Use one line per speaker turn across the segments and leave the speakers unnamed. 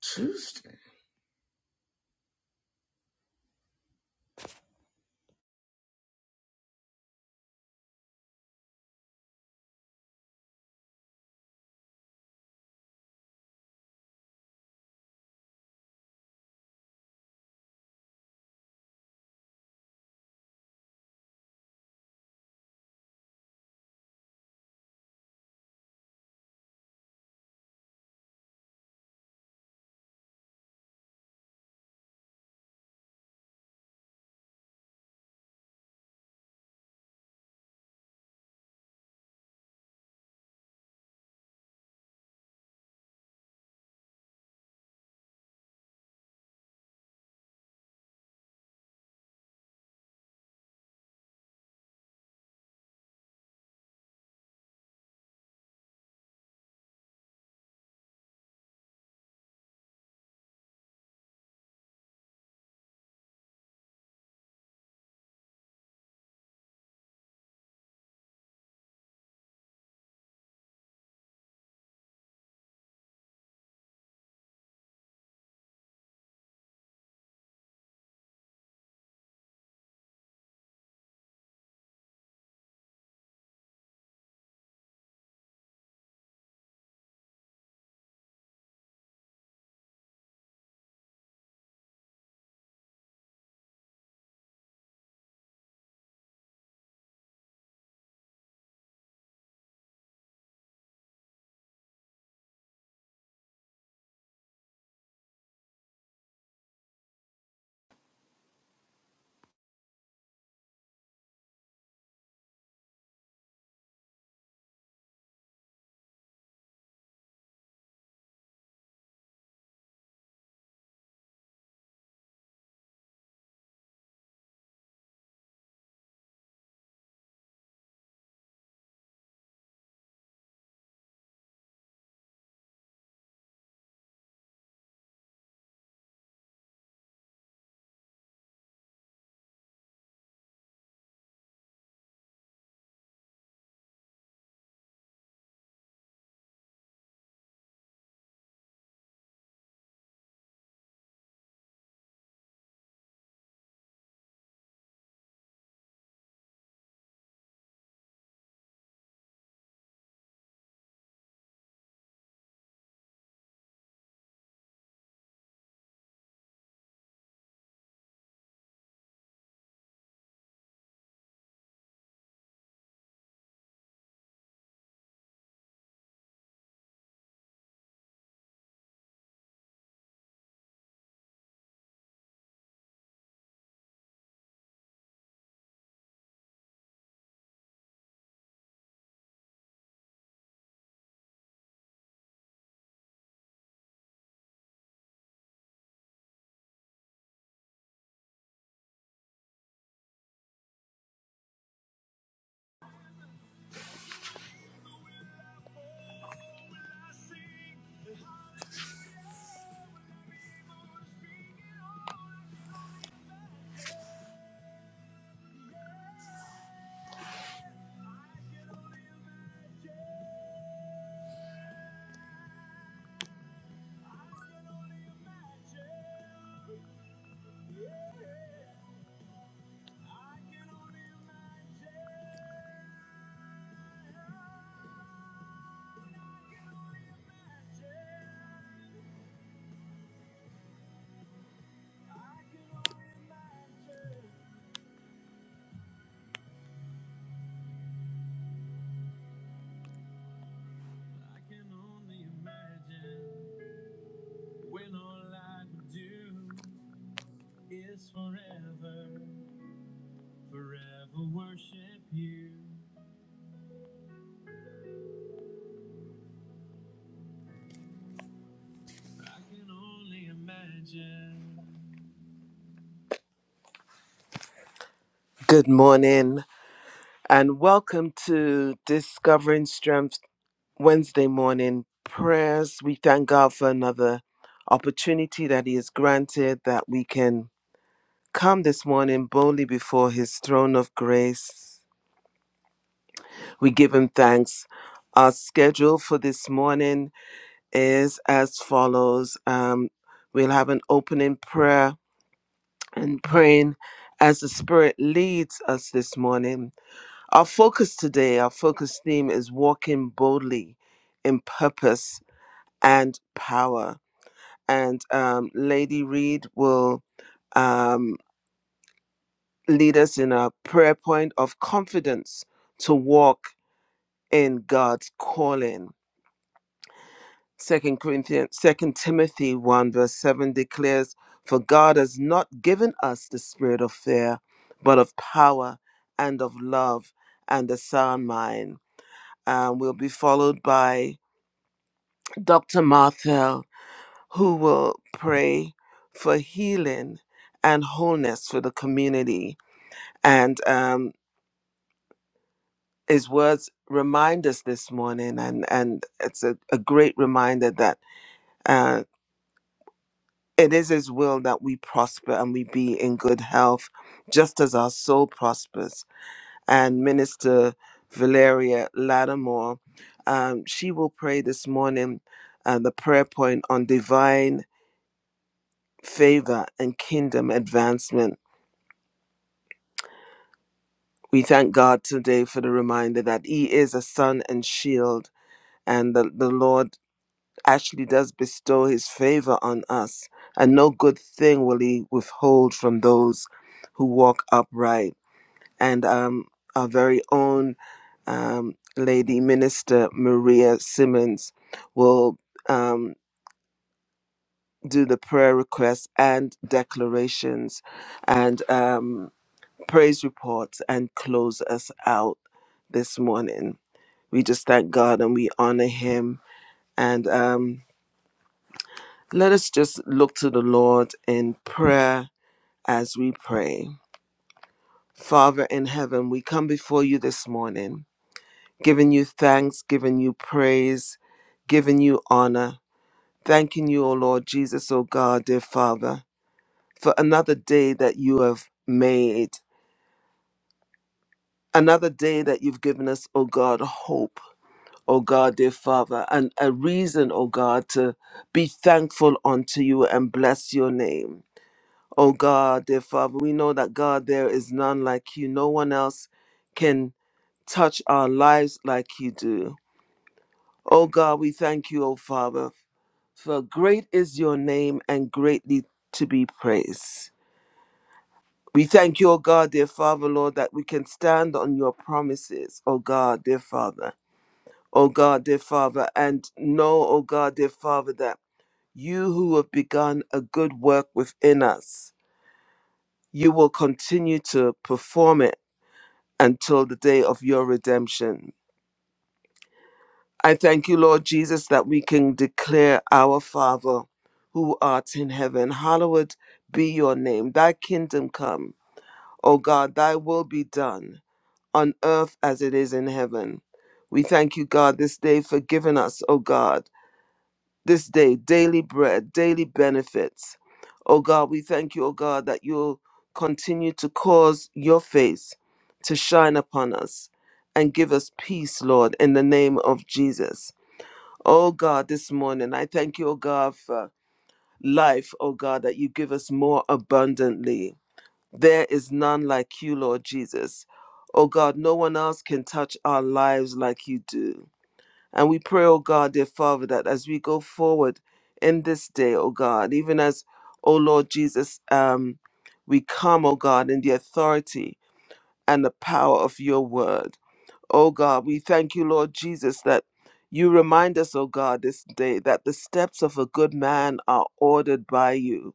Tuesday.
Good morning and welcome to Discovering Strength Wednesday morning prayers. We thank God for another opportunity that He has granted that we can come this morning boldly before His throne of grace. We give Him thanks. Our schedule for this morning is as follows um, We'll have an opening prayer and praying as the Spirit leads us this morning Our focus today, our focus theme is walking boldly in purpose and power. And um, Lady Reed will um, lead us in a prayer point of confidence to walk in God's calling. Second Corinthians, Second Timothy one verse seven declares, "For God has not given us the spirit of fear, but of power and of love and a sound mind." And we'll be followed by Dr. Martel, who will pray for healing and wholeness for the community. And um, his words remind us this morning, and, and it's a, a great reminder that uh, it is his will that we prosper and we be in good health, just as our soul prospers. And Minister Valeria Lattimore, um, she will pray this morning uh, the prayer point on divine favor, and kingdom advancement. We thank God today for the reminder that He is a sun and shield, and that the Lord actually does bestow His favor on us, and no good thing will He withhold from those who walk upright. And um, our very own um, Lady Minister Maria Simmons will um, do the prayer requests and declarations. And um, praise report, and close us out this morning. We just thank God and we honor Him. And um, let us just look to the Lord in prayer as we pray. Father in heaven, we come before you this morning, giving you thanks, giving you praise, giving you honor, thanking you, O Lord Jesus, O God, dear Father, for another day that you have made, another day that you've given us, O God, hope O God, dear Father, and a reason, O God, to be thankful unto you and bless your name. O God, dear Father, we know that God, there is none like you. No one else can touch our lives like you do. O God, we thank you, O Father, for great is your name and greatly to be praised. We thank you, O God, dear Father, Lord, that we can stand on your promises, O God, dear Father. O God, dear Father, and know, O God, dear Father, that You who have begun a good work within us, you will continue to perform it until the day of your redemption. I thank you, Lord Jesus, that we can declare our Father who art in heaven, hallowed be your name. Thy kingdom come, O God, thy will be done on earth as it is in heaven. We thank you, God, this day for giving us, O God. this day daily bread, daily benefits. Oh God, we thank you, oh God, that you'll continue to cause your face to shine upon us and give us peace, Lord, in the name of Jesus. Oh God, this morning, I thank you, oh God, for life, oh God, that you give us more abundantly. There is none like you, Lord Jesus. Oh God, no one else can touch our lives like you do. And we pray, O God, dear Father, that as we go forward in this day, O God, even as, O Lord Jesus, um, we come, O God, in the authority and the power of your word. Oh God, we thank you, Lord Jesus, that you remind us, oh God, this day that the steps of a good man are ordered by you.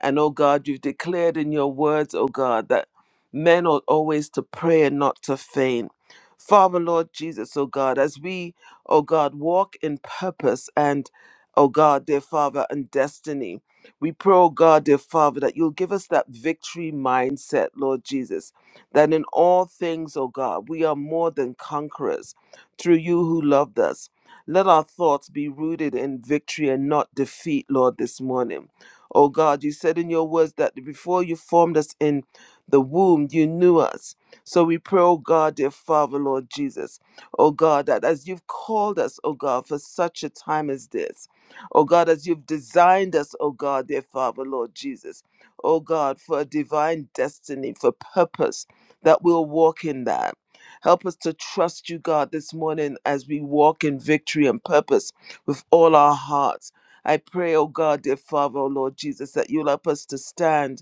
And oh God, you've declared in your words, oh God, that men ought always to pray and not to faint. Father, Lord Jesus, oh God, as we, oh God, walk in purpose and, oh God, dear Father, and destiny, we pray, oh God, dear Father, that you'll give us that victory mindset, Lord Jesus that in all things, O God, we are more than conquerors through you who loved us. Let our thoughts be rooted in victory and not defeat, Lord, this morning. O God, you said in your words that before you formed us in the womb, you knew us. So we pray, O God, dear Father, Lord Jesus, O God, that as you've called us, O God, for such a time as this, O God, as you've designed us, O God, dear Father, Lord Jesus, O God, for a divine destiny, for purpose that we'll walk in that. Help us to trust you, God, this morning as we walk in victory and purpose with all our hearts. I pray, oh God, dear Father, oh Lord Jesus, that you'll help us to stand,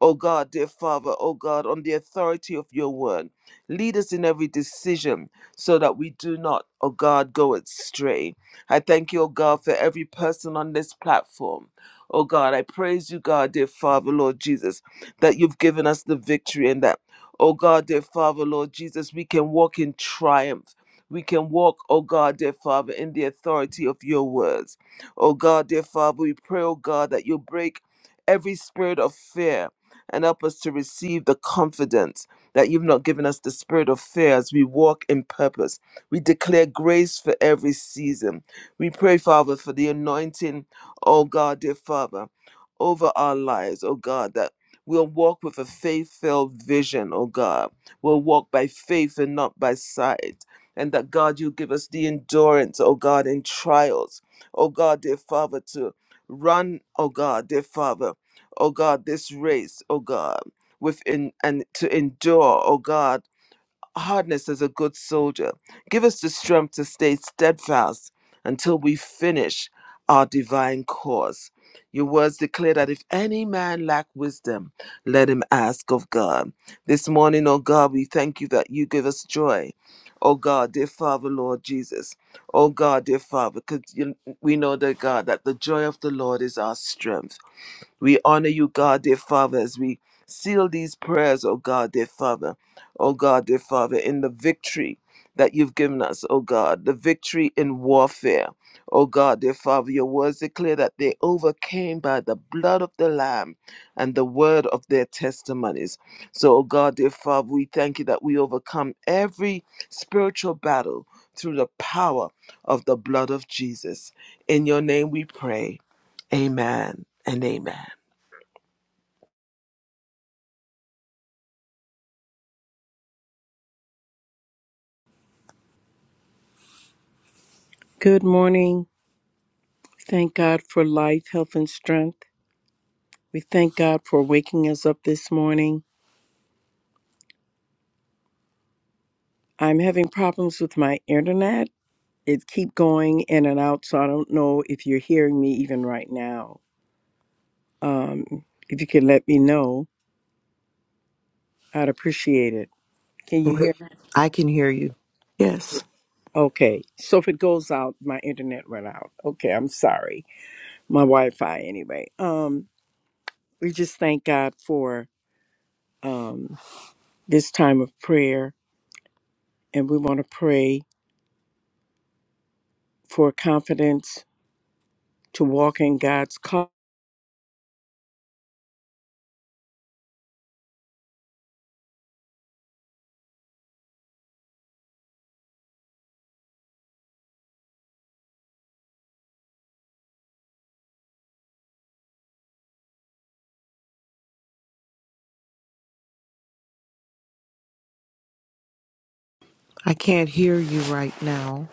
oh God, dear Father, oh God, on the authority of your word. Lead us in every decision so that we do not, oh God, go astray. I thank you, oh God, for every person on this platform. Oh God, I praise you, God, dear Father, Lord Jesus, that you've given us the victory and that Oh God, dear Father, Lord Jesus, we can walk in triumph. We can walk, oh God, dear Father, in the authority of your words. Oh God, dear Father, we pray, oh God, that you break every spirit of fear and help us to receive the confidence that you've not given us the spirit of fear as we walk in purpose. We declare grace for every season. We pray, Father, for the anointing, oh God, dear Father, over our lives, oh God, that We'll walk with a faith filled vision, oh God. We'll walk by faith and not by sight. And that, God, you give us the endurance, oh God, in trials, oh God, dear Father, to run, oh God, dear Father, oh God, this race, oh God, with and to endure, oh God hardness as a good soldier. Give us the strength to stay steadfast until we finish our divine cause. Your words declare that if any man lack wisdom, let him ask of God. This morning, oh God, we thank you that you give us joy. Oh God, dear Father, Lord Jesus. Oh God, dear Father, because we know that God, that the joy of the Lord is our strength. We honor you, God, dear Father, as we seal these prayers, oh God, dear Father, oh God, dear Father, in the victory that you've given us, oh God, the victory in warfare. Oh God, dear Father, your words declare that they overcame by the blood of the Lamb and the word of their testimonies. So, oh God, dear Father, we thank you that we overcome every spiritual battle through the power of the blood of Jesus. In your name we pray. Amen and amen.
Good morning. Thank God for life, health, and strength. We thank God for waking us up this morning. I'm having problems with my internet. It keep going in and out, so I don't know if you're hearing me even right now. Um, if you could let me know, I'd appreciate it. Can you
Right.
hear?
I can hear you.
Yes.
Okay. So if it goes out, my internet went out. Okay, I'm sorry. My Wi-Fi anyway. Um, we just thank God for um this time of prayer, and we want to pray for confidence to walk in God's call.
I can't hear you right now.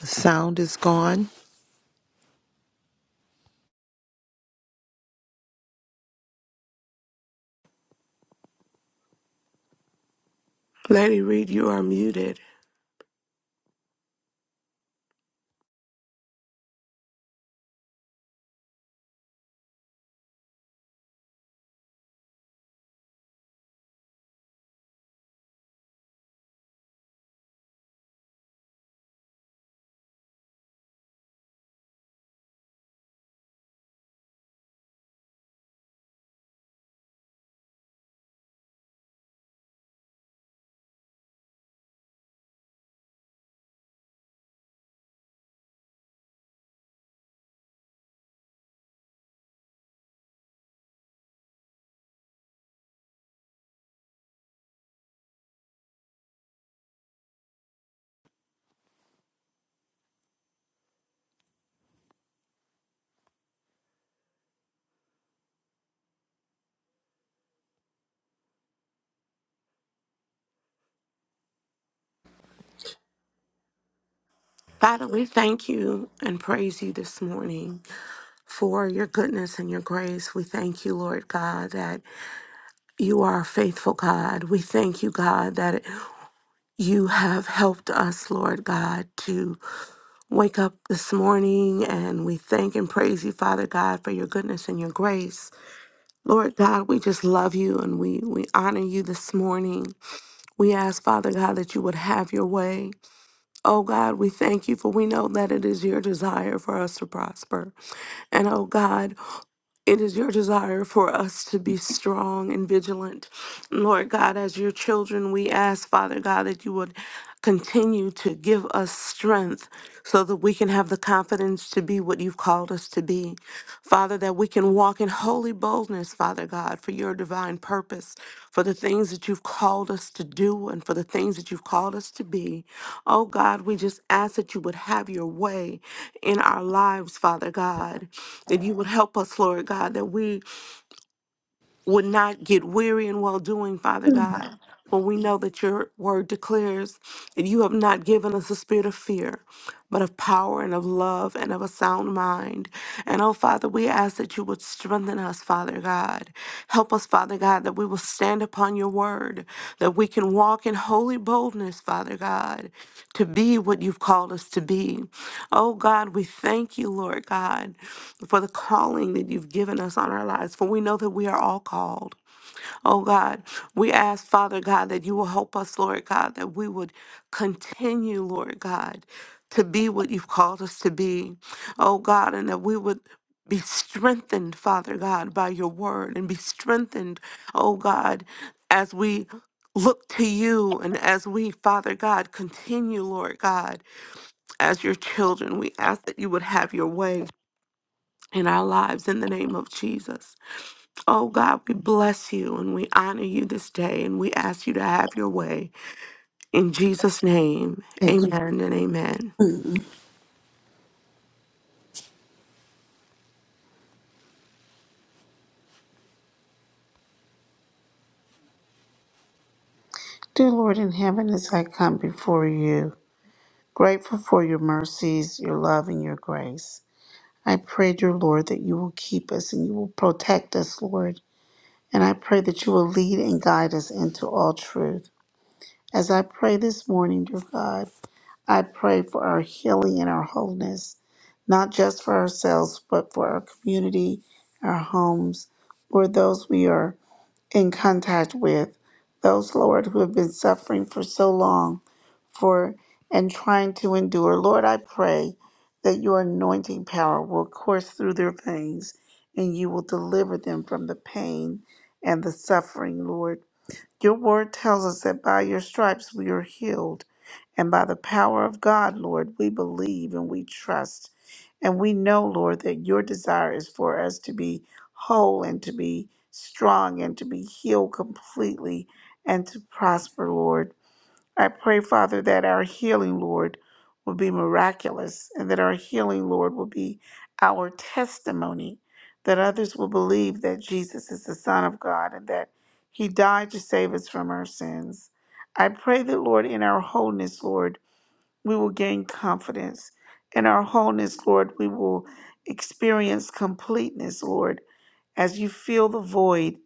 The sound is gone.
Lady Reed, you are muted. Father, we thank you and praise you this morning for your goodness and your grace. We thank you, Lord God, that you are a faithful God. We thank you, God, that you have helped us, Lord God, to wake up this morning. And we thank and praise you, Father God, for your goodness and your grace. Lord God, we just love you and we, we honor you this morning. We ask, Father God, that you would have your way. Oh God, we thank you for we know that it is your desire for us to prosper. And oh God, it is your desire for us to be strong and vigilant. Lord God, as your children, we ask, Father God, that you would continue to give us strength so that we can have the confidence to be what you've called us to be. Father, that we can walk in holy boldness, Father God, for your divine purpose, for the things that you've called us to do and for the things that you've called us to be. Oh God, we just ask that you would have your way in our lives, Father God that you would help us, Lord God, that we would not get weary in well doing, Father
Thank
God. For we know that your word declares that you have not given us a spirit of fear, but of power and of love and of a sound mind. And oh, Father, we ask that you would strengthen us, Father God. Help us, Father God, that we will stand upon your word, that we can walk in holy boldness, Father God, to be what you've called us to be. Oh God, we thank you, Lord God, for the calling that you've given us on our lives, for we know that we are all called. Oh God, we ask, Father God, that you will help us, Lord God, that we would continue, Lord God, to be what you've called us to be. Oh God, and that we would be strengthened, Father God, by your word and be strengthened, oh God, as we look to you and as we, Father God, continue, Lord God, as your children. We ask that you would have your way in our lives in the name of Jesus. Oh God, we bless you and we honor you this day and we ask you to have your way. In Jesus' name, amen and amen.
you. Dear Lord in heaven, as I come before you, grateful for your mercies, your love, and your grace, I pray, dear Lord, that you will keep us and you will protect us, Lord. And I pray that you will lead and guide us into all truth. As I pray this morning, dear God, I pray for our healing and our wholeness, not just for ourselves, but for our community, our homes, or those we are in contact with those, Lord, who have been suffering for so long for and trying to endure. Lord, I pray that your anointing power will course through their veins and you will deliver them from the pain and the suffering, Lord. Your word tells us that by your stripes we are healed. And by the power of God, Lord, we believe and we trust. And we know, Lord, that your desire is for us to be whole and to be strong and to be healed completely and to prosper, Lord. I pray, Father, that our healing, Lord, will be miraculous and that our healing, Lord, will be our testimony, that others will believe that Jesus is the Son of God and that He died to save us from our sins. I pray that, Lord, in our wholeness, Lord, we will gain confidence. In our wholeness, Lord, we will experience completeness, Lord, as you fill the void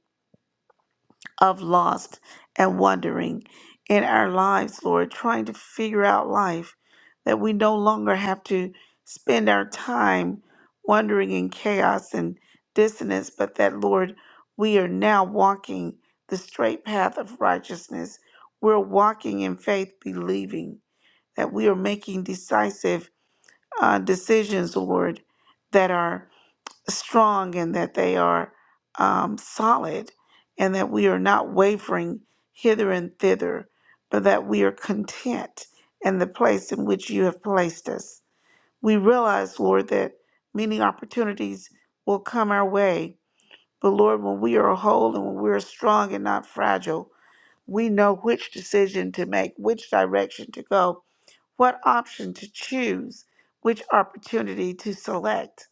of lost and wondering in our lives, Lord, trying to figure out life, that we no longer have to spend our time wandering in chaos and dissonance, but that, Lord, we are now walking the straight path of righteousness. We're walking in faith, believing that we are making decisive uh, decisions, Lord, that are strong and that they are um, solid and that we are not wavering hither and thither, but that we are content in the place in which you have placed us. We realize, Lord, that many opportunities will come our way, but Lord, when we are whole and when we are strong and not fragile, we know which decision to make, which direction to go, what option to choose, which opportunity to select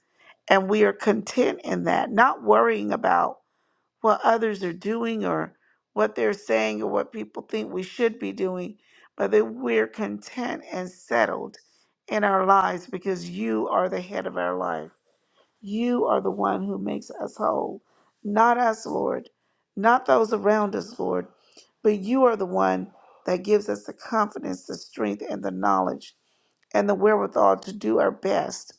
and we are content in that, not worrying about what others are doing or what they're saying or what people think we should be doing, but that we're content and settled in our lives because you are the head of our life. You are the one who makes us whole, not us, Lord, not those around us, Lord, but you are the one that gives us the confidence, the strength, and the knowledge and the wherewithal to do our best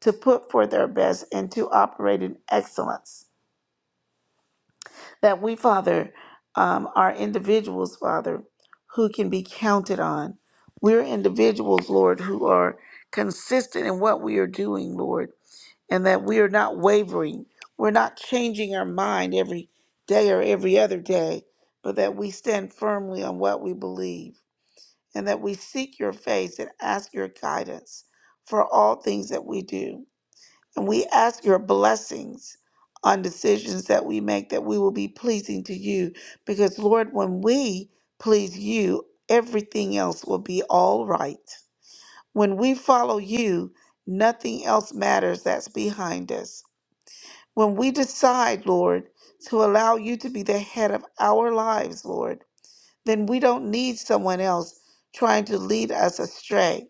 to put forth our best and to operate in excellence. That we, Father, um, are individuals, Father, who can be counted on. We're individuals, Lord, who are consistent in what we are doing, Lord, and that we are not wavering. We're not changing our mind every day or every other day, but that we stand firmly on what we believe and that we seek your face and ask your guidance for all things that we do. And we ask your blessings on decisions that we make that we will be pleasing to you. Because, Lord, when we please you, everything else will be all right. When we follow you, nothing else matters that's behind us. When we decide, Lord, to allow you to be the head of our lives, Lord, then we don't need someone else trying to lead us astray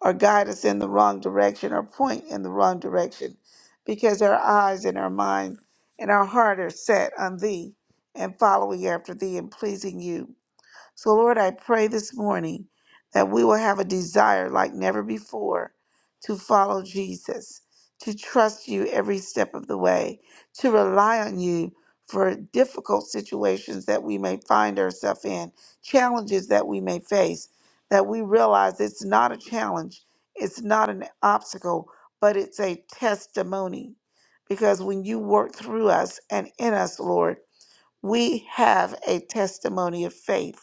or guide us in the wrong direction or point in the wrong direction because our eyes and our mind and our heart are set on thee and following after thee and pleasing you. So, Lord, I pray this morning that we will have a desire like never before to follow Jesus, to trust you every step of the way, to rely on you for difficult situations that we may find ourselves in, challenges that we may face, that we realize it's not a challenge, it's not an obstacle, but it's a testimony. Because when you work through us and in us, Lord, we have a testimony of faith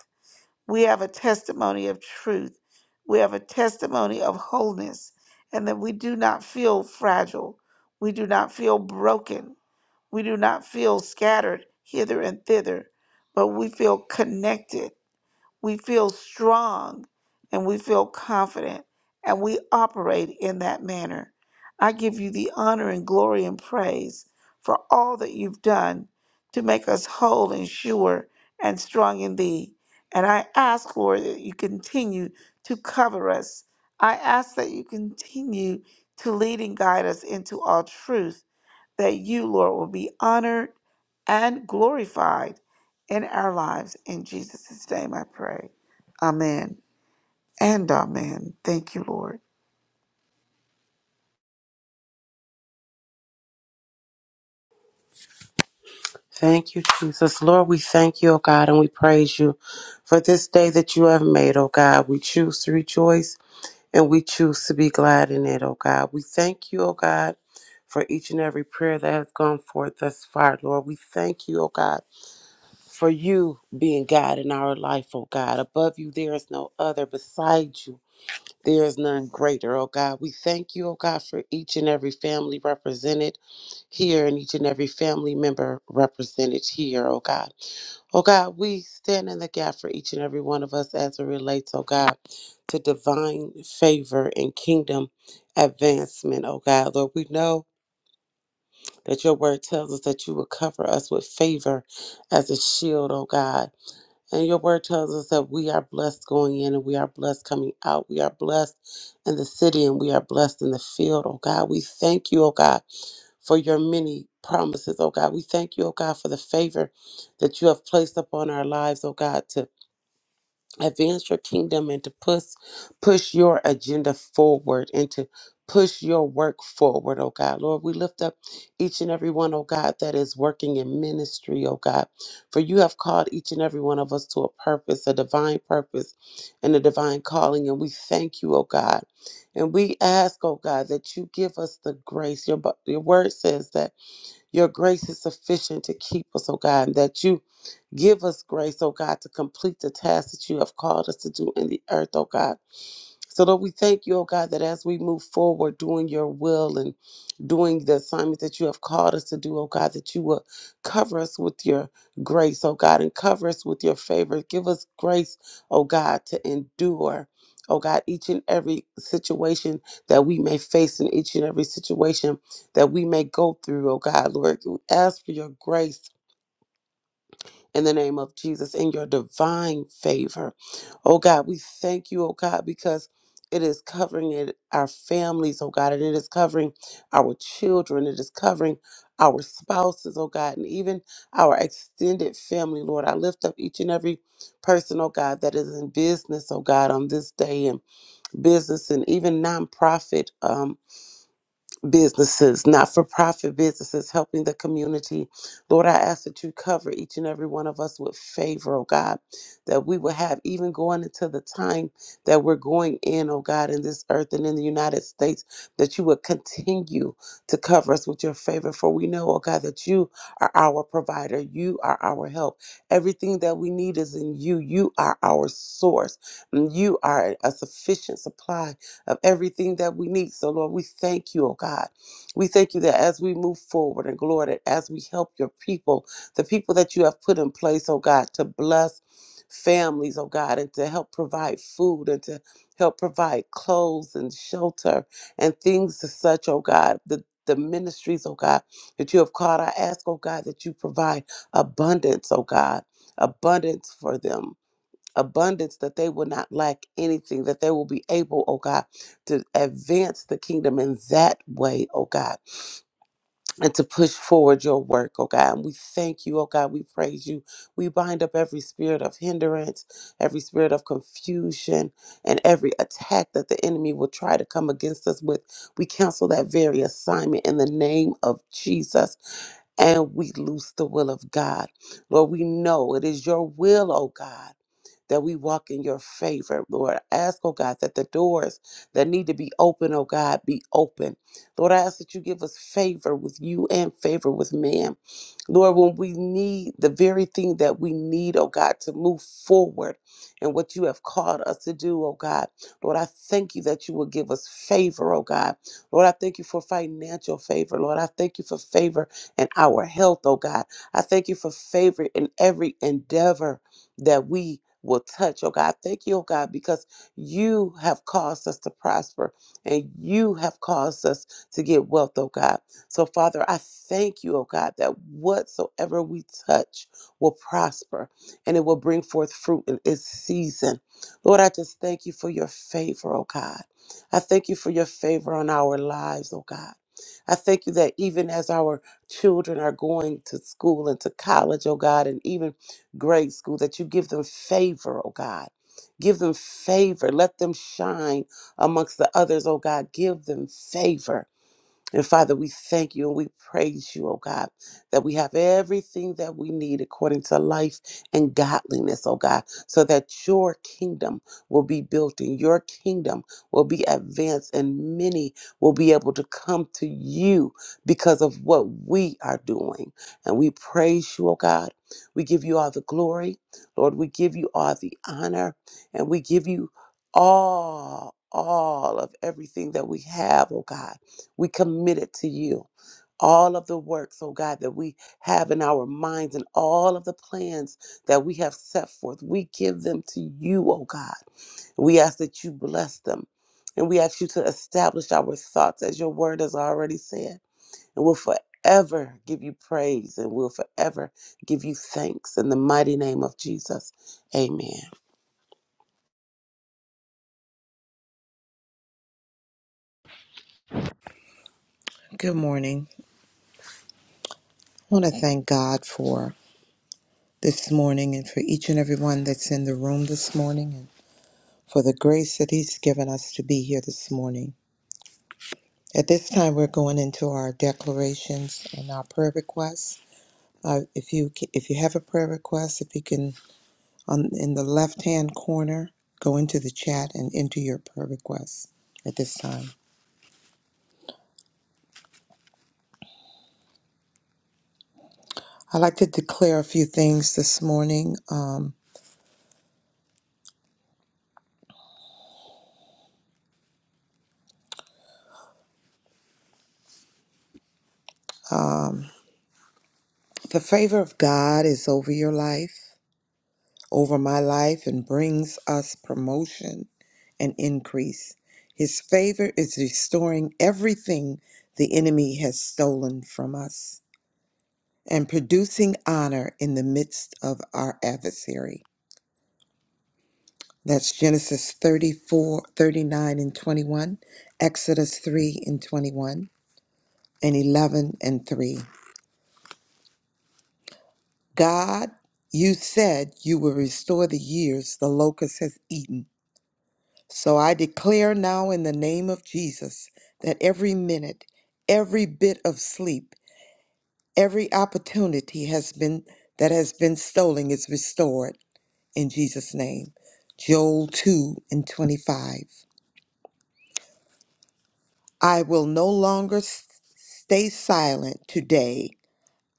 we have a testimony of truth. We have a testimony of wholeness, and that we do not feel fragile. We do not feel broken. We do not feel scattered hither and thither, but we feel connected we feel strong and we feel confident and we operate in that manner. I give you the honor and glory and praise for all that you've done to make us whole and sure and strong in thee. And I ask, Lord, that you continue to cover us. I ask that you continue to lead and guide us into all truth that you, Lord, will be honored and glorified in our lives. In Jesus' name I pray. Amen and amen. Thank you, Lord.
Thank you, Jesus. Lord, we thank you, O God, and we praise you for this day that you have made, O God. We choose to rejoice and we choose to be glad in it, O God. We thank you, O God, for each and every prayer that has gone forth thus far, Lord. We thank you, O God, for you being God in our life, O God. Above you, there is no other. Beside you, there is none greater, O God. We thank you, O God, for each and every family represented here and each and every family member represented here, oh God. Oh God, we stand in the gap for each and every one of us as it relates, oh God, to divine favor and kingdom advancement, oh God. Lord, we know that your word tells us that you will cover us with favor as a shield, oh God. And your word tells us that we are blessed going in and we are blessed coming out. We are blessed in the city and we are blessed in the field, oh God. We thank you, oh God for your many promises, oh God. We thank you, oh God, for the favor that you have placed upon our lives, oh God, to advance your kingdom and to push push your agenda forward and to push your work forward, oh God. Lord, we lift up each and every one, oh God, that is working in ministry, oh God. For you have called each and every one of us to a purpose, a divine purpose and a divine calling. And we thank you, oh God. And we ask, oh God, that you give us the grace. Your, bu- your word says that your grace is sufficient to keep us, oh God, and that you give us grace, oh God, to complete the task that you have called us to do in the earth, oh God. So, Lord, we thank you, oh God, that as we move forward doing your will and doing the assignment that you have called us to do, oh God, that you will cover us with your grace, oh God, and cover us with your favor. Give us grace, oh God, to endure. Oh God, each and every situation that we may face in each and every situation that we may go through, oh God, Lord, we ask for your grace in the name of Jesus in your divine favor. Oh God, we thank you, oh God, because it is covering it, our families, oh God, and it is covering our children, it is covering our spouses, oh God, and even our extended family, Lord. I lift up each and every person, oh God, that is in business, oh God, on this day and business and even nonprofit. Um, businesses, not for profit businesses, helping the community. Lord, I ask that you cover each and every one of us with favor, oh God, that we will have even going into the time that we're going in, oh God, in this earth and in the United States, that you would continue to cover us with your favor. For we know, oh God, that you are our provider, you are our help. Everything that we need is in you. You are our source, and you are a sufficient supply of everything that we need. So, Lord, we thank you, oh God. We thank you that as we move forward and glory, that as we help your people, the people that you have put in place, oh God, to bless families, oh God, and to help provide food and to help provide clothes and shelter and things as such, oh God. The the ministries, oh God, that you have called. I ask, oh God, that you provide abundance, oh God, abundance for them abundance, that they will not lack anything, that they will be able, oh God, to advance the kingdom in that way, oh God, and to push forward your work, oh God. And we thank you, oh God. We praise you. We bind up every spirit of hindrance, every spirit of confusion, and every attack that the enemy will try to come against us with. We cancel that very assignment in the name of Jesus and we loose the will of God. Lord, we know it is your will, oh God, that we walk in your favor, Lord. I Ask, oh God, that the doors that need to be open, oh God, be open. Lord, I ask that you give us favor with you and favor with man. Lord, when we need the very thing that we need, oh God, to move forward and what you have called us to do, oh God. Lord, I thank you that you will give us favor, oh God. Lord, I thank you for financial favor. Lord, I thank you for favor in our health, oh God. I thank you for favor in every endeavor that we will touch, oh God. Thank you, oh God, because you have caused us to prosper and you have caused us to get wealth, oh God. So, Father, I thank you, oh God, that whatsoever we touch will prosper and it will bring forth fruit in its season. Lord, I just thank you for your favor, oh God. I thank you for your favor on our lives, oh God. I thank you that even as our children are going to school and to college, oh God, and even grade school, that you give them favor, oh God. Give them favor. Let them shine amongst the others, oh God. Give them favor. And Father, we thank you and we praise you, oh God, that we have everything that we need according to life and godliness, oh God, so that your kingdom will be built and your kingdom will be advanced and many will be able to come to you because of what we are doing. And we praise you, oh God. We give you all the glory. Lord, we give you all the honor and we give you all, all of everything that we have, oh God. We commit it to you. All of the works, oh God, that we have in our minds and all of the plans that we have set forth, we give them to you, oh God. We ask that you bless them. And we ask you to establish our thoughts as your word has already said. And we'll forever give you praise and we'll forever give you thanks in the mighty name of Jesus. Amen.
Good morning. I want to thank God for this morning and for each and every one that's in the room this morning and for the grace that He's given us to be here this morning. At this time, we're going into our declarations and our prayer requests. Uh, if you ca- if you have a prayer request, if you can on in the left hand corner, go into the chat and enter your prayer request at this time. I'd like to declare a few things this morning. Um, um, the favor of God is over your life, over my life, and brings us promotion and increase. His favor is restoring everything the enemy has stolen from us and producing honor in the midst of our adversary. That's Genesis 34, 39, and 21, Exodus 3 and 21, and 11 and 3. God, you said you will restore the years the locust has eaten. So I declare now in the name of Jesus that every minute, every bit of sleep, every opportunity has been that has been stolen is restored in Jesus' name. Joel 2 and 25. I will no longer s- stay silent today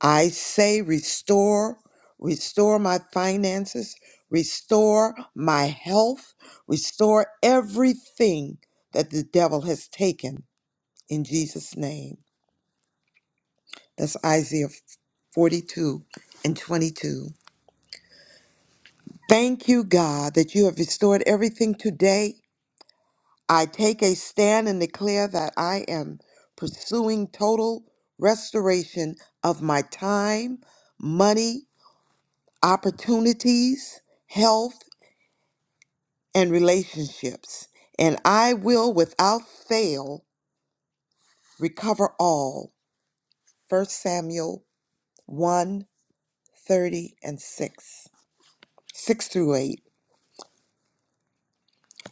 I say, restore, restore my finances, restore my health, restore everything that the devil has taken in Jesus' name. That's Isaiah 42 and 22. Thank you, God, that you have restored everything today. I take a stand and declare that I am pursuing total restoration of my time, money, opportunities, health, and relationships. And I will without fail recover all. First Samuel one 30 and 6. 6 through 8.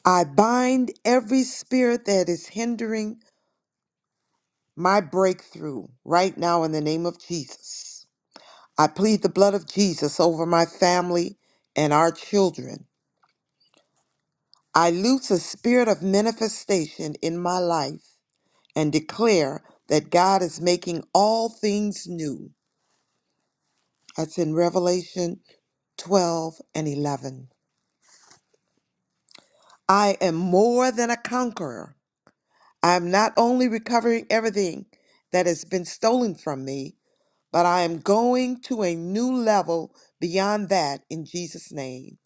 I bind every spirit that is hindering my breakthrough right now in the name of Jesus. I plead the blood of Jesus over my family and our children. I loose a spirit of manifestation in my life and declare that God is making all things new. That's in Revelation 12 and 11. I am more than a conqueror. I am not only recovering everything that has been stolen from me, but I am going to a new level beyond that in Jesus' name,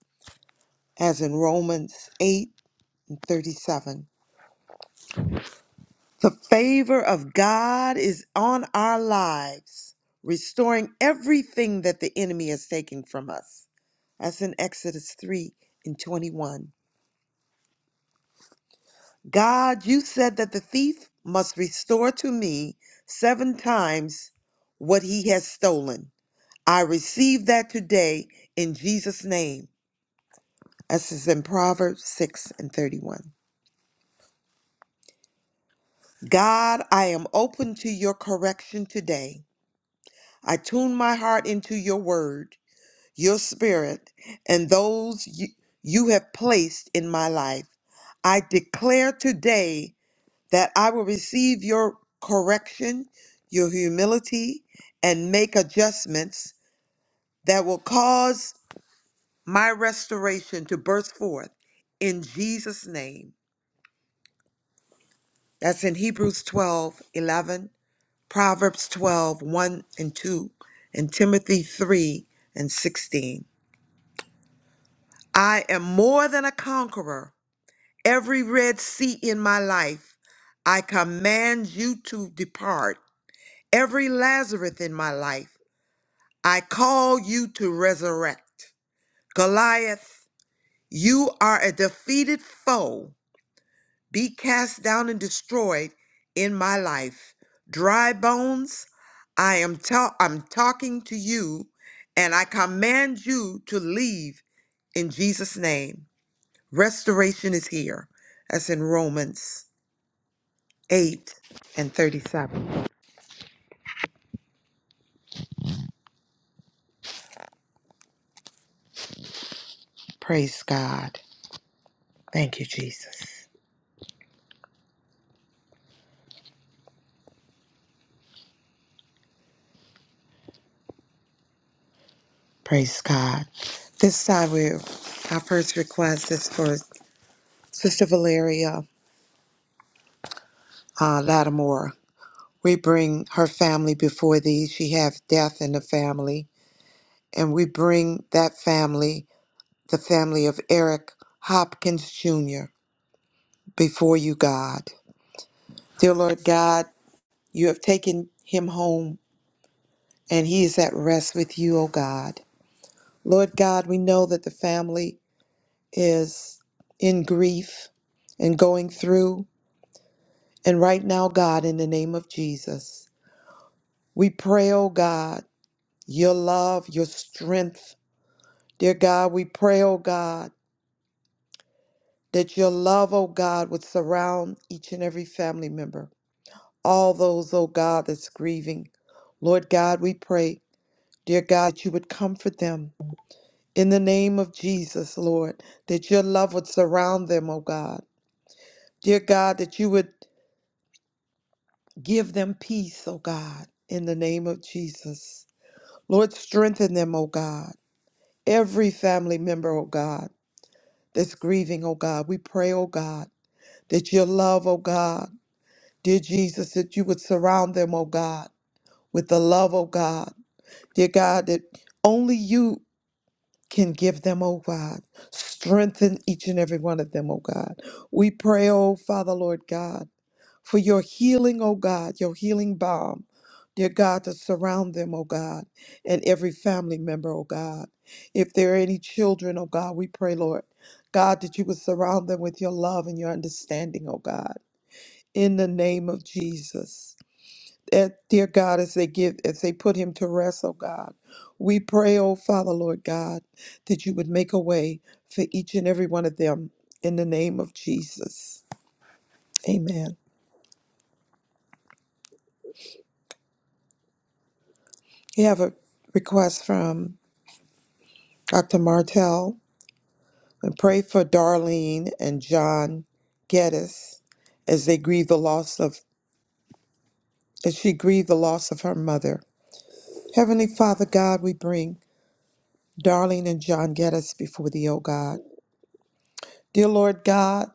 as in Romans 8 and 37. The favor of God is on our lives, restoring everything that the enemy has taken from us. That's in Exodus 3 and 21. God, you said that the thief must restore to me seven times what he has stolen. I receive that today in Jesus' name. This is in Proverbs 6 and 31. God, I am open to your correction today. I tune my heart into your word, your spirit, and those you, you have placed in my life. I declare today that I will receive your correction, your humility, and make adjustments that will cause my restoration to burst forth in Jesus' name. That's in Hebrews 12 11, Proverbs twelve one and 2, and Timothy 3 and 16. I am more than a conqueror. Every red sea in my life, I command you to depart. Every Lazarus in my life, I call you to resurrect. Goliath, you are a defeated foe. Be cast down and destroyed in my life. Dry bones, I am ta- I'm talking to you and I command you to leave in Jesus name. Restoration is here. That's in Romans 8 and 37. Praise God. Thank you Jesus. Praise God. This time we our first request is for Sister Valeria uh, Lattimore. We bring her family before thee. She hath death in the family. And we bring that family, the family of Eric Hopkins Jr., before you, God. Dear Lord God, you have taken him home and he is at rest with you, O God. Lord God, we know that the family is in grief and going through. And right now, God, in the name of Jesus, we pray, oh God, your love, your strength. Dear God, we pray, oh God, that your love, oh God, would surround each and every family member, all those, oh God, that's grieving. Lord God, we pray, dear God, that you would comfort them. In the name of Jesus, Lord, that your love would surround them, oh God. Dear God, that you would give them peace, oh God, in the name of Jesus. Lord, strengthen them, O God. Every family member, O God, that's grieving, O God. We pray, O God, that your love, O God, dear Jesus, that you would surround them, O God, with the love, O God. Dear God, that only you can give them, oh God. Strengthen each and every one of them, oh God. We pray, oh Father, Lord God, for your healing, oh God, your healing balm, dear God, to surround them, oh God, and every family member, oh God. If there are any children, oh God, we pray, Lord, God, that you would surround them with your love and your understanding, oh God, in the name of Jesus that, dear God, as they give, as they put him to rest, oh God. We pray, oh Father, Lord God, that you would make a way for each and every one of them in the name of Jesus. Amen. We have a request from Dr. Martell and pray for Darlene and John Geddes as they grieve the loss of as she grieved the loss of her mother. Heavenly Father God, we bring Darlene and John Geddes before thee, O God. Dear Lord God,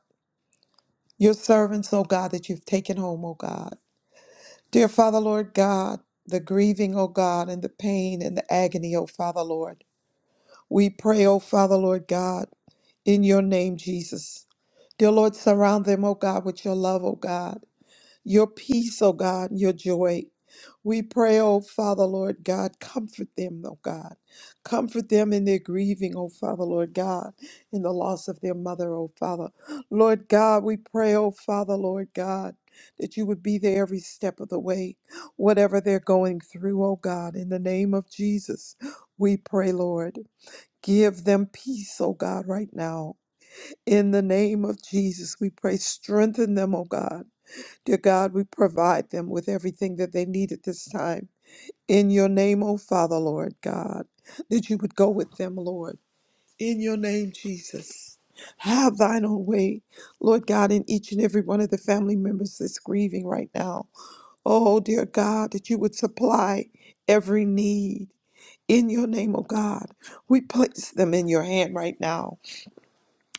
your servants, O God, that you've taken home, O God. Dear Father, Lord God, the grieving, O God, and the pain and the agony, O Father, Lord. We pray, O Father, Lord God, in your name, Jesus. Dear Lord, surround them, O God, with your love, O God your peace, oh God, your joy. We pray, oh Father, Lord God, comfort them, oh God. Comfort them in their grieving, oh Father, Lord God, in the loss of their mother, oh Father. Lord God, we pray, oh Father, Lord God, that you would be there every step of the way, whatever they're going through, oh God, in the name of Jesus. We pray, Lord. Give them peace, oh God, right now. In the name of Jesus, we pray, strengthen them, oh God. Dear God, we provide them with everything that they need at this time. In your name, O Father, Lord God, that you would go with them, Lord. In your name, Jesus. Have thine own way, Lord God, in each and every one of the family members that's grieving right now. Oh, dear God, that you would supply every need. In your name, O God, we place them in your hand right now,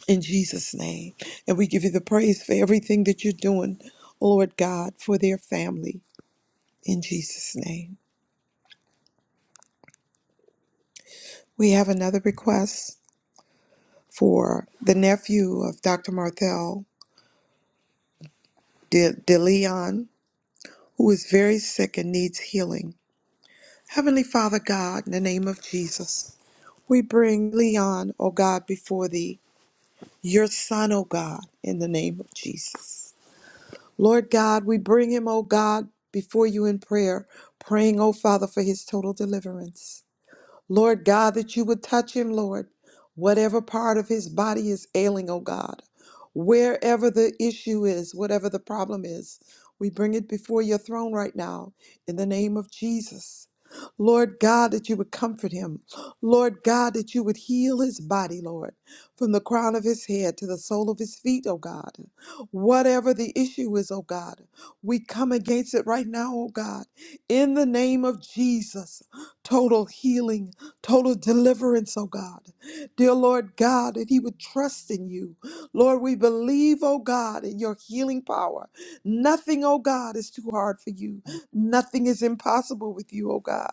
in Jesus' name. And we give you the praise for everything that you're doing, Lord God, for their family in Jesus' name. We have another request for the nephew of Dr. Marthel, De, De Leon, who is very sick and needs healing. Heavenly Father God, in the name of Jesus, we bring Leon, O God, before thee, your son, O God, in the name of Jesus. Lord God, we bring him, O God, before you in prayer, praying, O Father, for his total deliverance. Lord God, that you would touch him, Lord. Whatever part of his body is ailing, oh God, wherever the issue is, whatever the problem is, we bring it before your throne right now in the name of Jesus. Lord God, that you would comfort him. Lord God, that you would heal his body, Lord, from the crown of his head to the sole of his feet, oh God. Whatever the issue is, oh God, we come against it right now, oh God, in the name of Jesus. Total healing total deliverance, oh God. Dear Lord God, that He would trust in you. Lord, we believe, oh God, in your healing power. Nothing, oh God, is too hard for you. Nothing is impossible with you, oh God.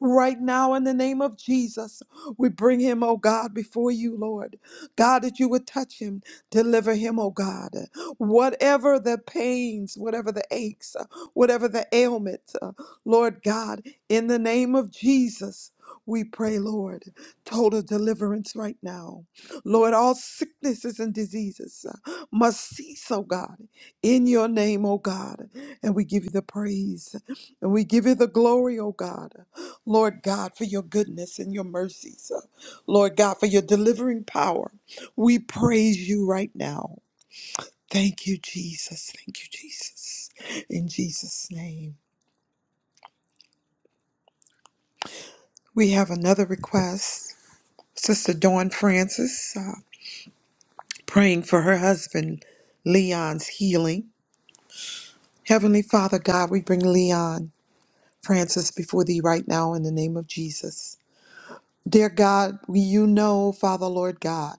Right now, in the name of Jesus, we bring him, oh God, before you, Lord. God, that you would touch him, deliver him, oh God. Whatever the pains, whatever the aches, uh, whatever the ailment, uh, Lord God, in the name of Jesus. We pray, Lord, total deliverance right now. Lord, all sicknesses and diseases uh, must cease, oh God, in your name, oh God. And we give you the praise and we give you the glory, oh God. Lord God, for your goodness and your mercies. uh, Lord God, for your delivering power. We praise you right now. Thank you, Jesus. Thank you, Jesus. In Jesus' name. We have another request. Sister Dawn Francis. uh, praying for her husband, Leon's healing. Heavenly Father God, we bring Leon Francis before thee right now in the name of Jesus. Dear God, we you know, Father Lord God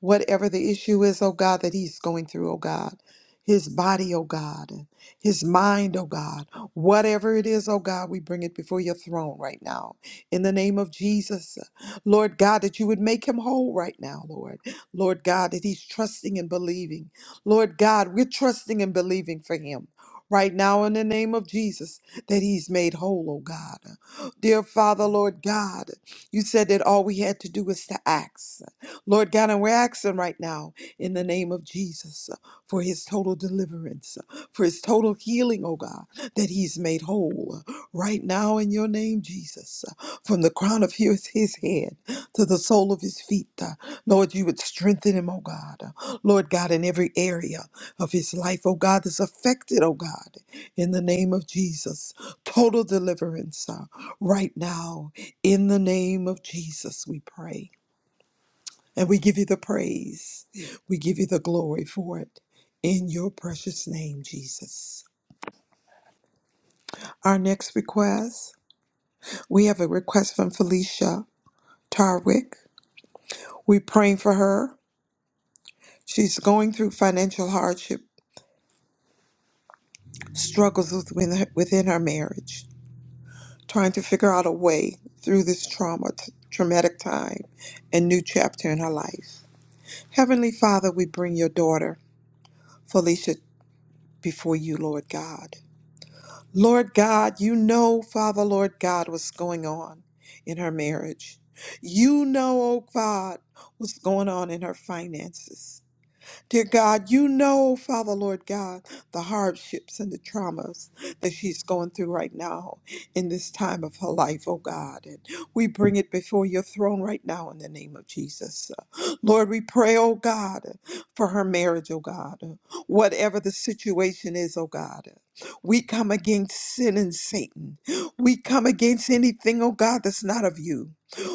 whatever the issue is, oh God, that he's going through, oh God. His body, oh God, and his mind, oh God, whatever it is, oh God, we bring it before your throne right now. In the name of Jesus, Lord God, that you would make him whole right now, Lord. Lord God, that he's trusting and believing. Lord God, we're trusting and believing for him right now in the name of Jesus that he's made whole, oh God. Dear Father, Lord God, you said that all we had to do was to ask. Lord God, and we're asking right now in the name of Jesus uh, for his total deliverance, uh, for his total healing, oh God, that he's made whole uh, right now in your name, Jesus, uh, from the crown of his, his head to the sole of his feet. uh, Lord, you would strengthen him, oh God. Uh, Lord God, in every area of his life, oh God, that's affected, oh God, in the name of Jesus. Total deliverance uh, right now in the name of Jesus, we pray. And we give you the praise. We give you the glory for it. In your precious name, Jesus. Our next request we have a request from Felicia Tarwick. We're praying for her. She's going through financial hardship, struggles within her, within her marriage, trying to figure out a way through this trauma, t- traumatic time, and new chapter in her life. Heavenly Father, we bring your daughter, Felicia, before you, Lord God. Lord God, you know, Father, Lord God, what's going on in her marriage. You know, oh God, what's going on in her finances. Dear God, you know, Father Lord God, the hardships and the traumas that she's going through right now in this time of her life, oh God. And we bring it before your throne right now in the name of Jesus. Uh, Lord, we pray, oh God, for her marriage, oh God. Uh, Whatever the situation is, oh God. uh, We come against sin and Satan. We come against anything, oh God, that's not of you.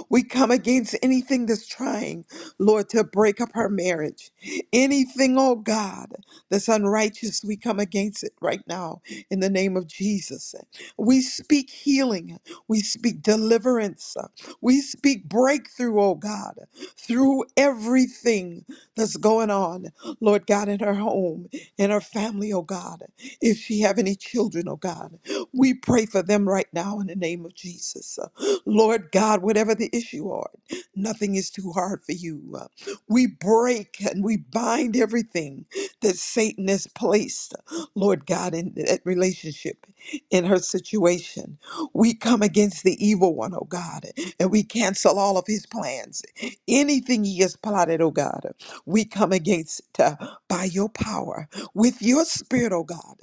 We come against anything that's trying, Lord, to break up her marriage Anything, oh God, that's unrighteous, we come against it right now in the name of Jesus. We speak healing. We speak deliverance. We speak breakthrough, oh God, through everything that's going on, Lord God, in her home, in her family, oh God. If she have any children, oh God, we pray for them right now in the name of Jesus. Lord God, whatever the issue are, nothing is too hard for you. We break and we bind everything that Satan has placed, Lord God, in that relationship, in her situation. We come against the evil one, oh God, and we cancel all of his plans. Anything he has plotted, oh God, we come against it uh, by your power, with your spirit, oh God.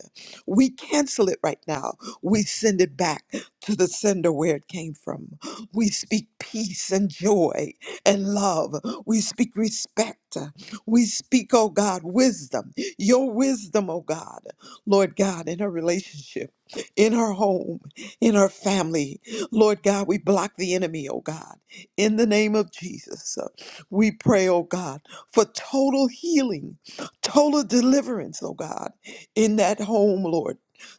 We cancel it right now. We send it back to the sender where it came from. We speak peace and joy and love. We speak respect. We speak, oh God, wisdom, your wisdom, oh God, Lord God, in her relationship, in her home, in her family. Lord God, we block the enemy, oh God, in the name of Jesus. We pray, oh God, for total healing, total deliverance, oh God, in that home, Lord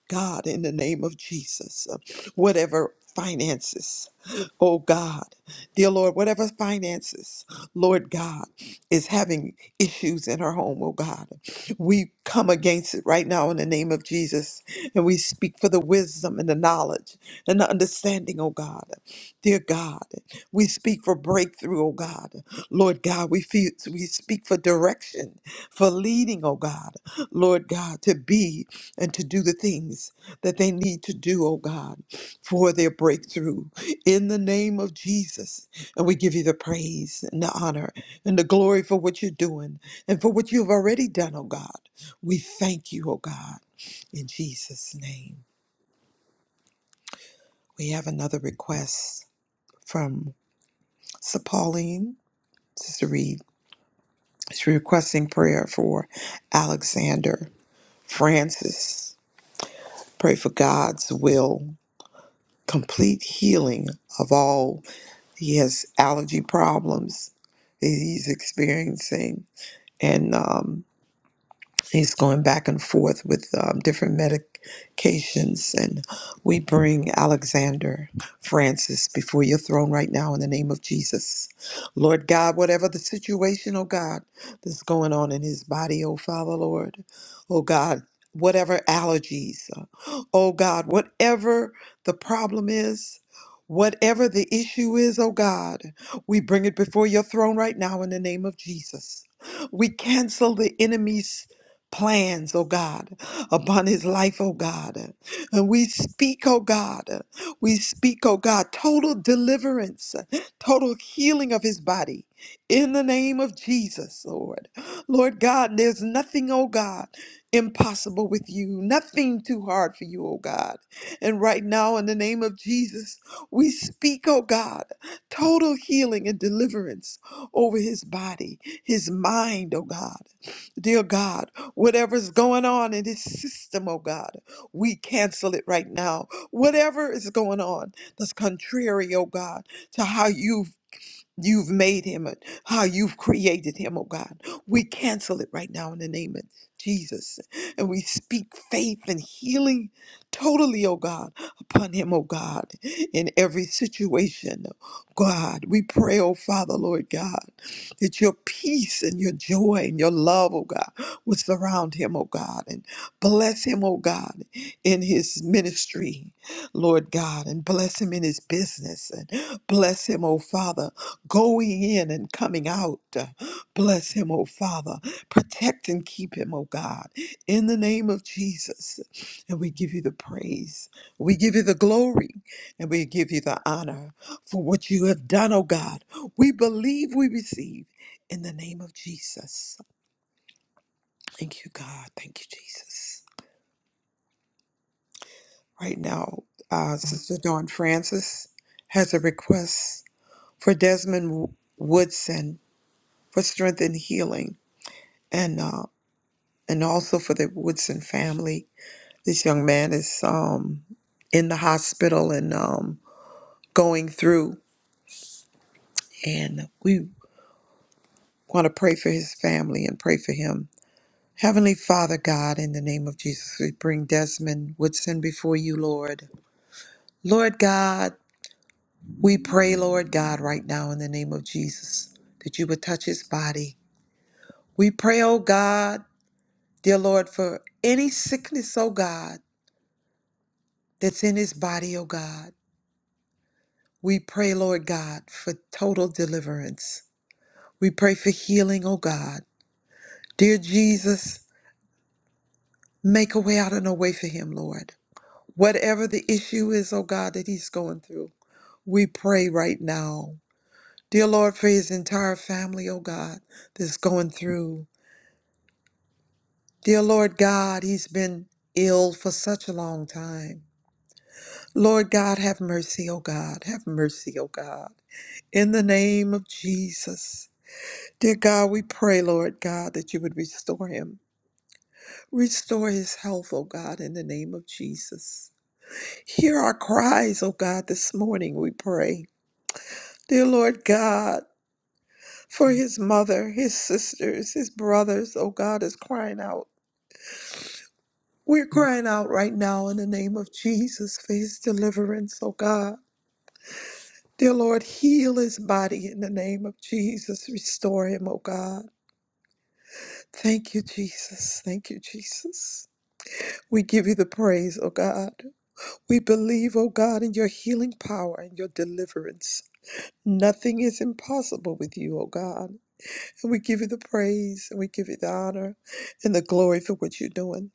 God, in the name of Jesus. Whatever finances, oh God, dear Lord, whatever finances. Lord God, is having issues in her home, oh God. We come against it right now in the name of Jesus, and we speak for the wisdom and the knowledge and the understanding, oh God. Dear God, we speak for breakthrough, oh God. Lord God, we, feel, we speak for direction, for leading, oh God. Lord God, to be and to do the things that they need to do, oh God, for their breakthrough. In the name of Jesus, and we give you the praise and the honor and the glory for what you're doing and for what you've already done, oh God. We thank you, oh God, in Jesus' name. We have another request from Sister Pauline, Sister Reed. She's requesting prayer for Alexander Francis. Pray for God's will, complete healing of all. He has allergy problems that he's experiencing. And um, He's going back and forth with um, different medications. And we bring Alexander Francis before your throne right now in the name of Jesus. Lord God, whatever the situation, oh God, that's going on in his body, oh Father, Lord, oh God, whatever allergies, uh, oh God, whatever the problem is. Whatever the issue is, oh God, we bring it before your throne right now in the name of Jesus. We cancel the enemy's plans, oh God, upon his life, oh God. And we speak, oh God, we speak, oh God, total deliverance, total healing of his body. In the name of Jesus, Lord. Lord God, there's nothing, oh God, impossible with you, nothing too hard for you, oh God. And right now, in the name of Jesus, we speak, oh God, total healing and deliverance over his body, his mind, oh God. Dear God, Whatever's going on in his system, oh God, we cancel it right now. Whatever is going on that's contrary, oh God, to how you you've made him and how you've created him, oh God. We cancel it right now in the name of Jesus. And we speak faith and healing totally, oh God, upon him, oh God, in every situation. God, we pray, oh Father, Lord God, that your peace and your joy and your love, oh God, will surround him, oh God, and bless him, oh God, in his ministry, Lord God, and bless him in his business and bless him, oh Father going in and coming out. Bless him, oh Father. Protect and keep him, oh God, in the name of Jesus. And we give you the praise. We give you the glory and we give you the honor for what you have done, oh God. We believe we receive in the name of Jesus. Thank you, God. Thank you, Jesus. Right now, uh, Sister Dawn Francis has a request for Desmond Woodson for strength and healing. and. uh, and also for the Woodson family. This young man is um, in the hospital and um, going through, and we want to pray for his family and pray for him. Heavenly Father God, in the name of Jesus, we bring Desmond Woodson before you, Lord. Lord God, we pray, Lord God, right now in the name of Jesus, that you would touch his body. We pray, oh God, dear Lord, for any sickness, oh God, that's in his body, oh God. We pray, Lord God, for total deliverance. We pray for healing, oh God. Dear Jesus, make a way out of no way for him, Lord. Whatever the issue is, oh God, that he's going through, we pray right now. Dear Lord, for his entire family, oh God, that's going through. Dear Lord God, he's been ill for such a long time. Lord God, have mercy, oh God. Have mercy, oh God. In the name of Jesus. Dear God, we pray, Lord God, that you would restore him. Restore his health, O God, in the name of Jesus. Hear our cries, O God, this morning, we pray. Dear Lord God, for his mother, his sisters, his brothers, O God, is crying out. We're crying out right now in the name of Jesus for his deliverance, O God. Dear Lord, heal his body in the name of Jesus. Restore him, O God. Thank you, Jesus. Thank you, Jesus. We give you the praise, O God. We believe, O God, in your healing power and your deliverance. Nothing is impossible with you, O God. And we give you the praise and we give you the honor and the glory for what you're doing.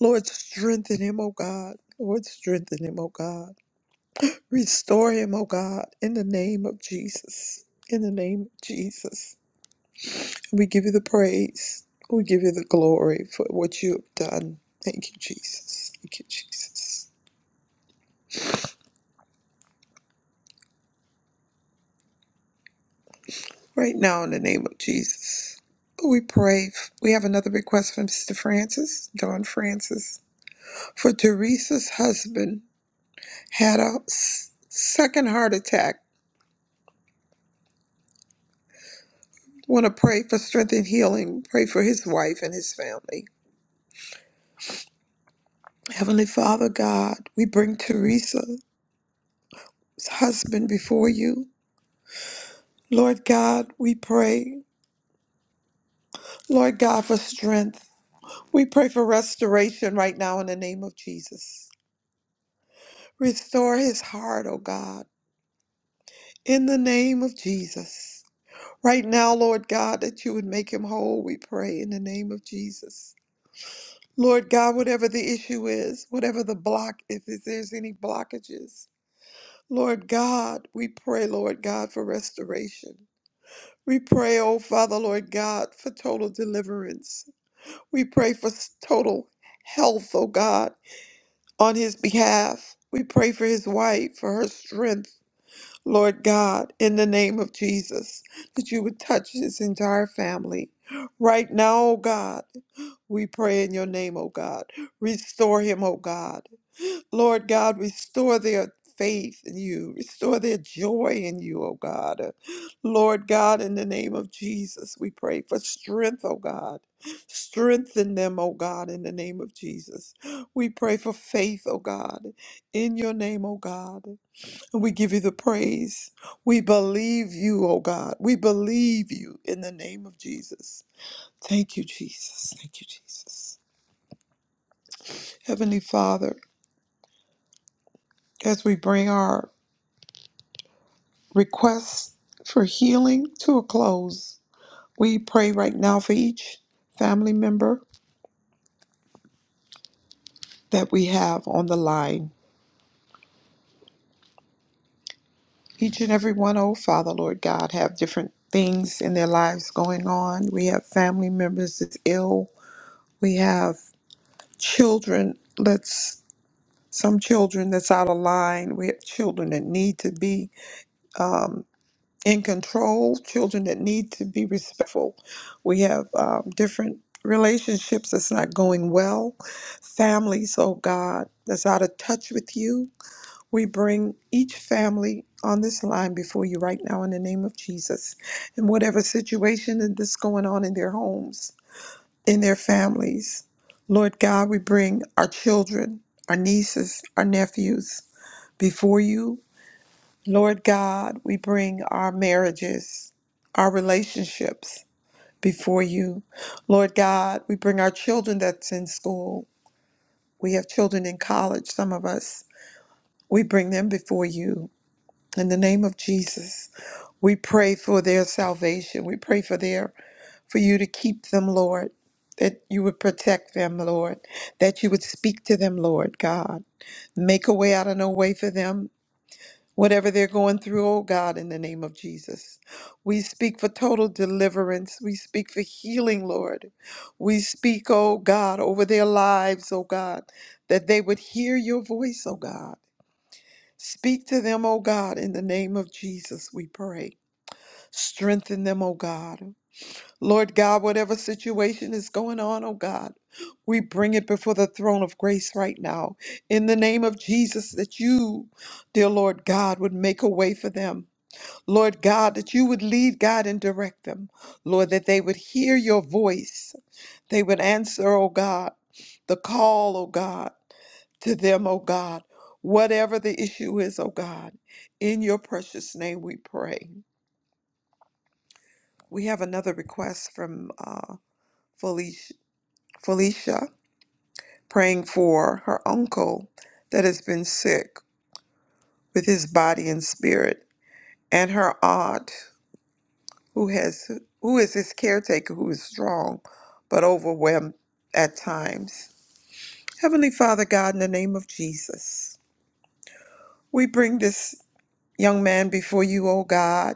Lord, strengthen him, O God. Lord, strengthen him, O God. Restore him, O God, in the name of Jesus. In the name of Jesus. We give you the praise. We give you the glory for what you have done. Thank you, Jesus. Thank you, Jesus. Right now, in the name of Jesus, we pray. We have another request from Sister Francis, Don Francis, for Teresa's husband had a s- second heart attack. Want to pray for strength and healing. Pray for his wife and his family. Heavenly Father God, we bring Teresa's husband before you. Lord God, we pray. Lord God, for strength. We pray for restoration right now in the name of Jesus. Restore his heart, O God. in the name of Jesus. Right now, Lord God, that you would make him whole, we pray in the name of Jesus. Lord God, whatever the issue is, whatever the block, if there's any blockages, Lord God, we pray, Lord God, for restoration. We pray, oh Father, Lord God, for total deliverance. We pray for s- total health, oh God, on his behalf. We pray for his wife, for her strength. Lord God, in the name of Jesus, that you would touch this entire family. Right now, oh God, we pray in your name, oh God. Restore him, oh God. Lord God, restore their faith in you. Restore their joy in you, oh God. Lord God, in the name of Jesus, we pray for strength, oh God. Strengthen them, oh God, in the name of Jesus. We pray for faith, oh God, in your name, oh God. And We give you the praise. We believe you, oh God. We believe you in the name of Jesus. Thank you, Jesus. Thank you, Jesus. Heavenly Father, as we bring our requests for healing to a close, we pray right now for each family member that we have on the line. Each and every one, oh Father, Lord God, have different things in their lives going on. We have family members that's ill. We have children. Let's some children that's out of line. We have children that need to be um, in control, children that need to be respectful. We have um, different relationships that's not going well, families, oh God, that's out of touch with you. We bring each family on this line before you right now in the name of Jesus. And whatever situation that's going on in their homes, in their families, Lord God, we bring our children, our nieces, our nephews. Before you, Lord God, we bring our marriages, our relationships before you. Lord God, we bring our children that's in school. We have children in college, some of us. We bring them before you. In the name of Jesus, we pray for their salvation. We pray for their for you to keep them, Lord, that you would protect them, Lord, that you would speak to them, Lord God. Make a way out of no way for them whatever they're going through, oh God, in the name of Jesus. We speak for total deliverance. We speak for healing, Lord. We speak, oh God, over their lives, oh God, that they would hear your voice, oh God. Speak to them, oh God, in the name of Jesus, we pray. Strengthen them, oh God. Lord God, whatever situation is going on, oh God, we bring it before the throne of grace right now. In the name of Jesus, that you, dear Lord God, would make a way for them Lord God, that you would lead, God, and direct them. Lord, that they would hear your voice. They would answer, oh God, the call, oh God, to them, oh God, whatever the issue is, oh God. In your precious name we pray. We have another request from uh, Felicia, Felicia, praying for her uncle that has been sick with his body and spirit, and her aunt who has who is his caretaker who is strong but overwhelmed at times. Heavenly Father God, in the name of Jesus, we bring this young man before you, O God.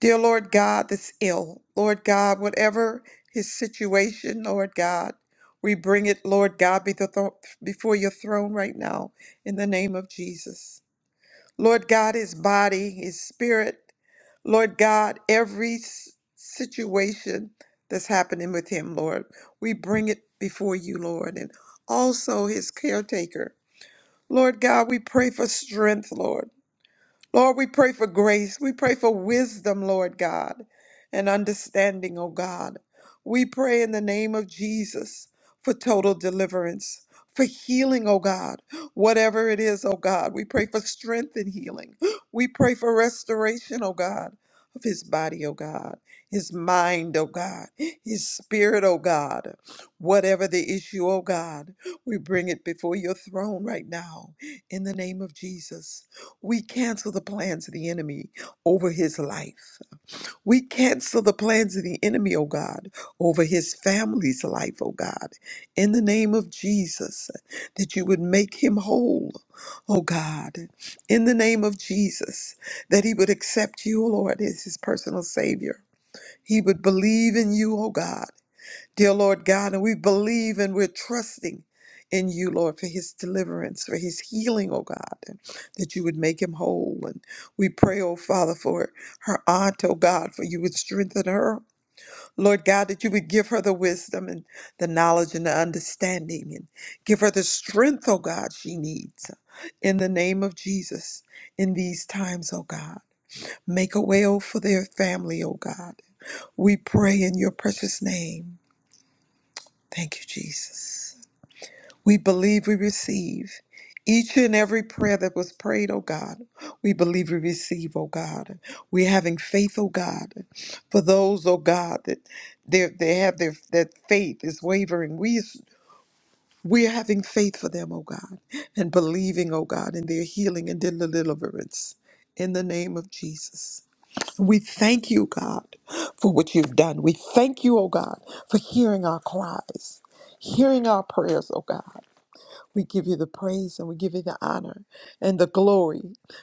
Dear Lord God, that's ill. Lord God, whatever his situation, Lord God, we bring it, Lord God, be the thro- before your throne right now in the name of Jesus. Lord God, his body, his spirit. Lord God, every s- situation that's happening with him, Lord, we bring it before you, Lord, and also his caretaker. Lord God, we pray for strength, Lord. Lord, we pray for grace. We pray for wisdom, Lord God, and understanding, oh God. We pray in the name of Jesus for total deliverance, for healing, oh God, whatever it is, oh God. We pray for strength and healing. We pray for restoration, oh God, of his body, oh God, his mind, oh God, his spirit, oh God. Whatever the issue, oh God, we bring it before your throne right now in the name of Jesus. We cancel the plans of the enemy over his life. We cancel the plans of the enemy, oh God, over his family's life, oh God, in the name of Jesus, that you would make him whole, oh God, in the name of Jesus, that he would accept you, oh Lord, as his personal Savior. He would believe in you, oh God, dear Lord God, and we believe and we're trusting in you, Lord, for his deliverance, for his healing, oh God, and that you would make him whole. And we pray, oh Father, for her aunt, oh God, for you would strengthen her. Lord God, that you would give her the wisdom and the knowledge and the understanding and give her the strength, oh God, she needs. In the name of Jesus, in these times, oh God, make a way, oh, for their family, oh God. We pray in your precious name. Thank you, Jesus. We believe we receive each and every prayer that was prayed, oh God. We believe we receive, oh God. We're having faith, oh God, for those, oh God, that they they have their that faith is wavering. We we're having faith for them, oh God, and believing, oh God, in their healing and their deliverance. In the name of Jesus. We thank you, God, for what you've done. We thank you, oh God, for hearing our cries, hearing our prayers, oh God. We give you the praise and we give you the honor and the glory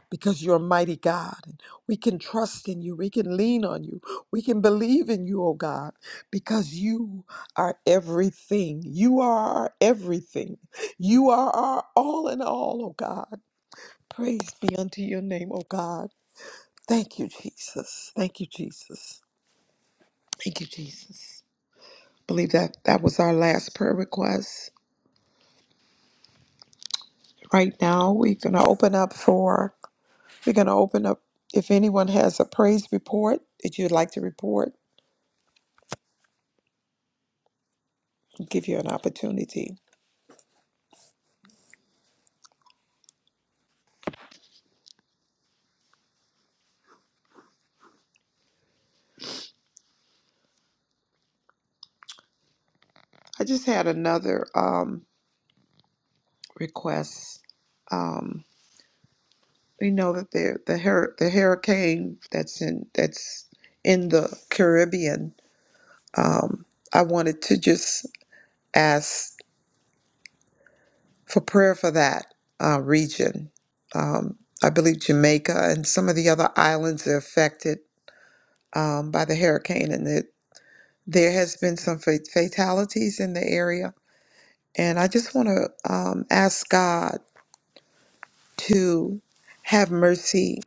because you're a mighty God. And we can trust in you. We can lean on you. We can believe in you, oh God, because you are everything. You are our everything. You are our all in all, oh God. Praise be unto your name, oh God. Thank you, Jesus. Thank you, Jesus. Thank you, Jesus. I believe that that was our last prayer request. Right now, we're going to open up for, we're going to open up if anyone has a praise report that you'd like to report, we'll give you an opportunity. I just had another um, request. Um, we know that the the, hur- the hurricane that's in that's in the Caribbean. Um, I wanted to just ask. for prayer for that uh, region. Um, I believe Jamaica and some of the other islands are affected um, by the hurricane, and that there has been some fat- fatalities in the area. And I just want to um, ask God to have mercy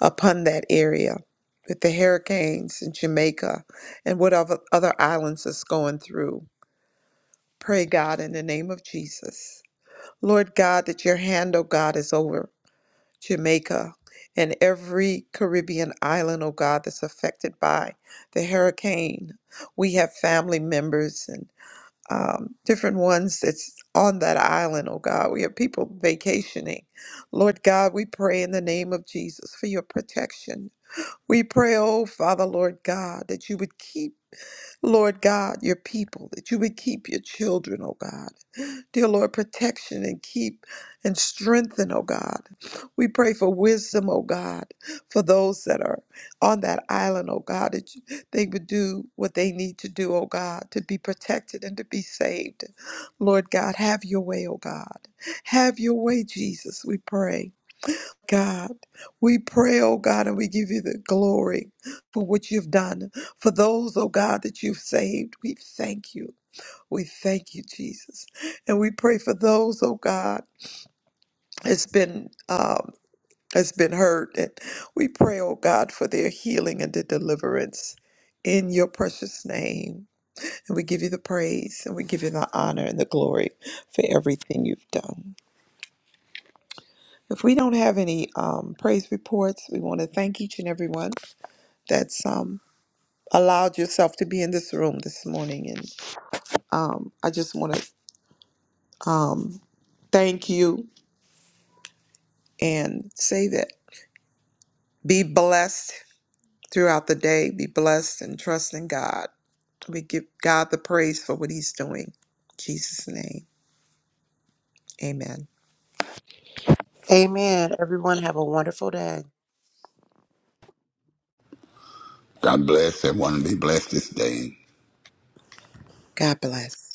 upon that area with the hurricanes in Jamaica and whatever other islands is going through. Pray God in the name of Jesus. Lord God, that your hand, oh God, is over. Jamaica, and every Caribbean island, oh God, that's affected by the hurricane. We have family members and um, different ones that's on that island, oh God. We have people vacationing. Lord God, we pray in the name of Jesus for your protection. We pray, oh Father, Lord God, that you would keep, Lord God, your people, that you would keep your children, oh God. Dear Lord, protection and keep and strengthen, oh God. We pray for wisdom, oh God, for those that are on that island, oh God, that you- they would do what they need to do, oh God, to be protected and to be saved. Lord God, have your way, oh God. Have your way, Jesus, we pray. God, we pray, oh God, and we give you the glory for what you've done. For those, oh God, that you've saved, we thank you. We thank you, Jesus, and we pray for those, oh God, it's been um, it's been hurt, and we pray, oh God, for their healing and their deliverance in your precious name. And we give you the praise, and we give you the honor and the glory for everything you've done. If we don't have any um, praise reports, we want to thank each and everyone that's um, allowed yourself to be in this room this morning, and um, I just want to um, thank you and say that. Be blessed throughout the day. Be blessed and trust in God. We give God the praise for what He's doing. In Jesus' name, amen.
Amen. Everyone have a wonderful day.
God bless everyone. and Be blessed this day.
God bless.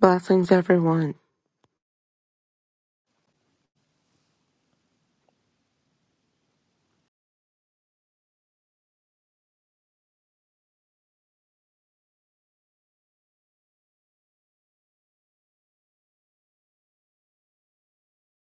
Blessings, everyone.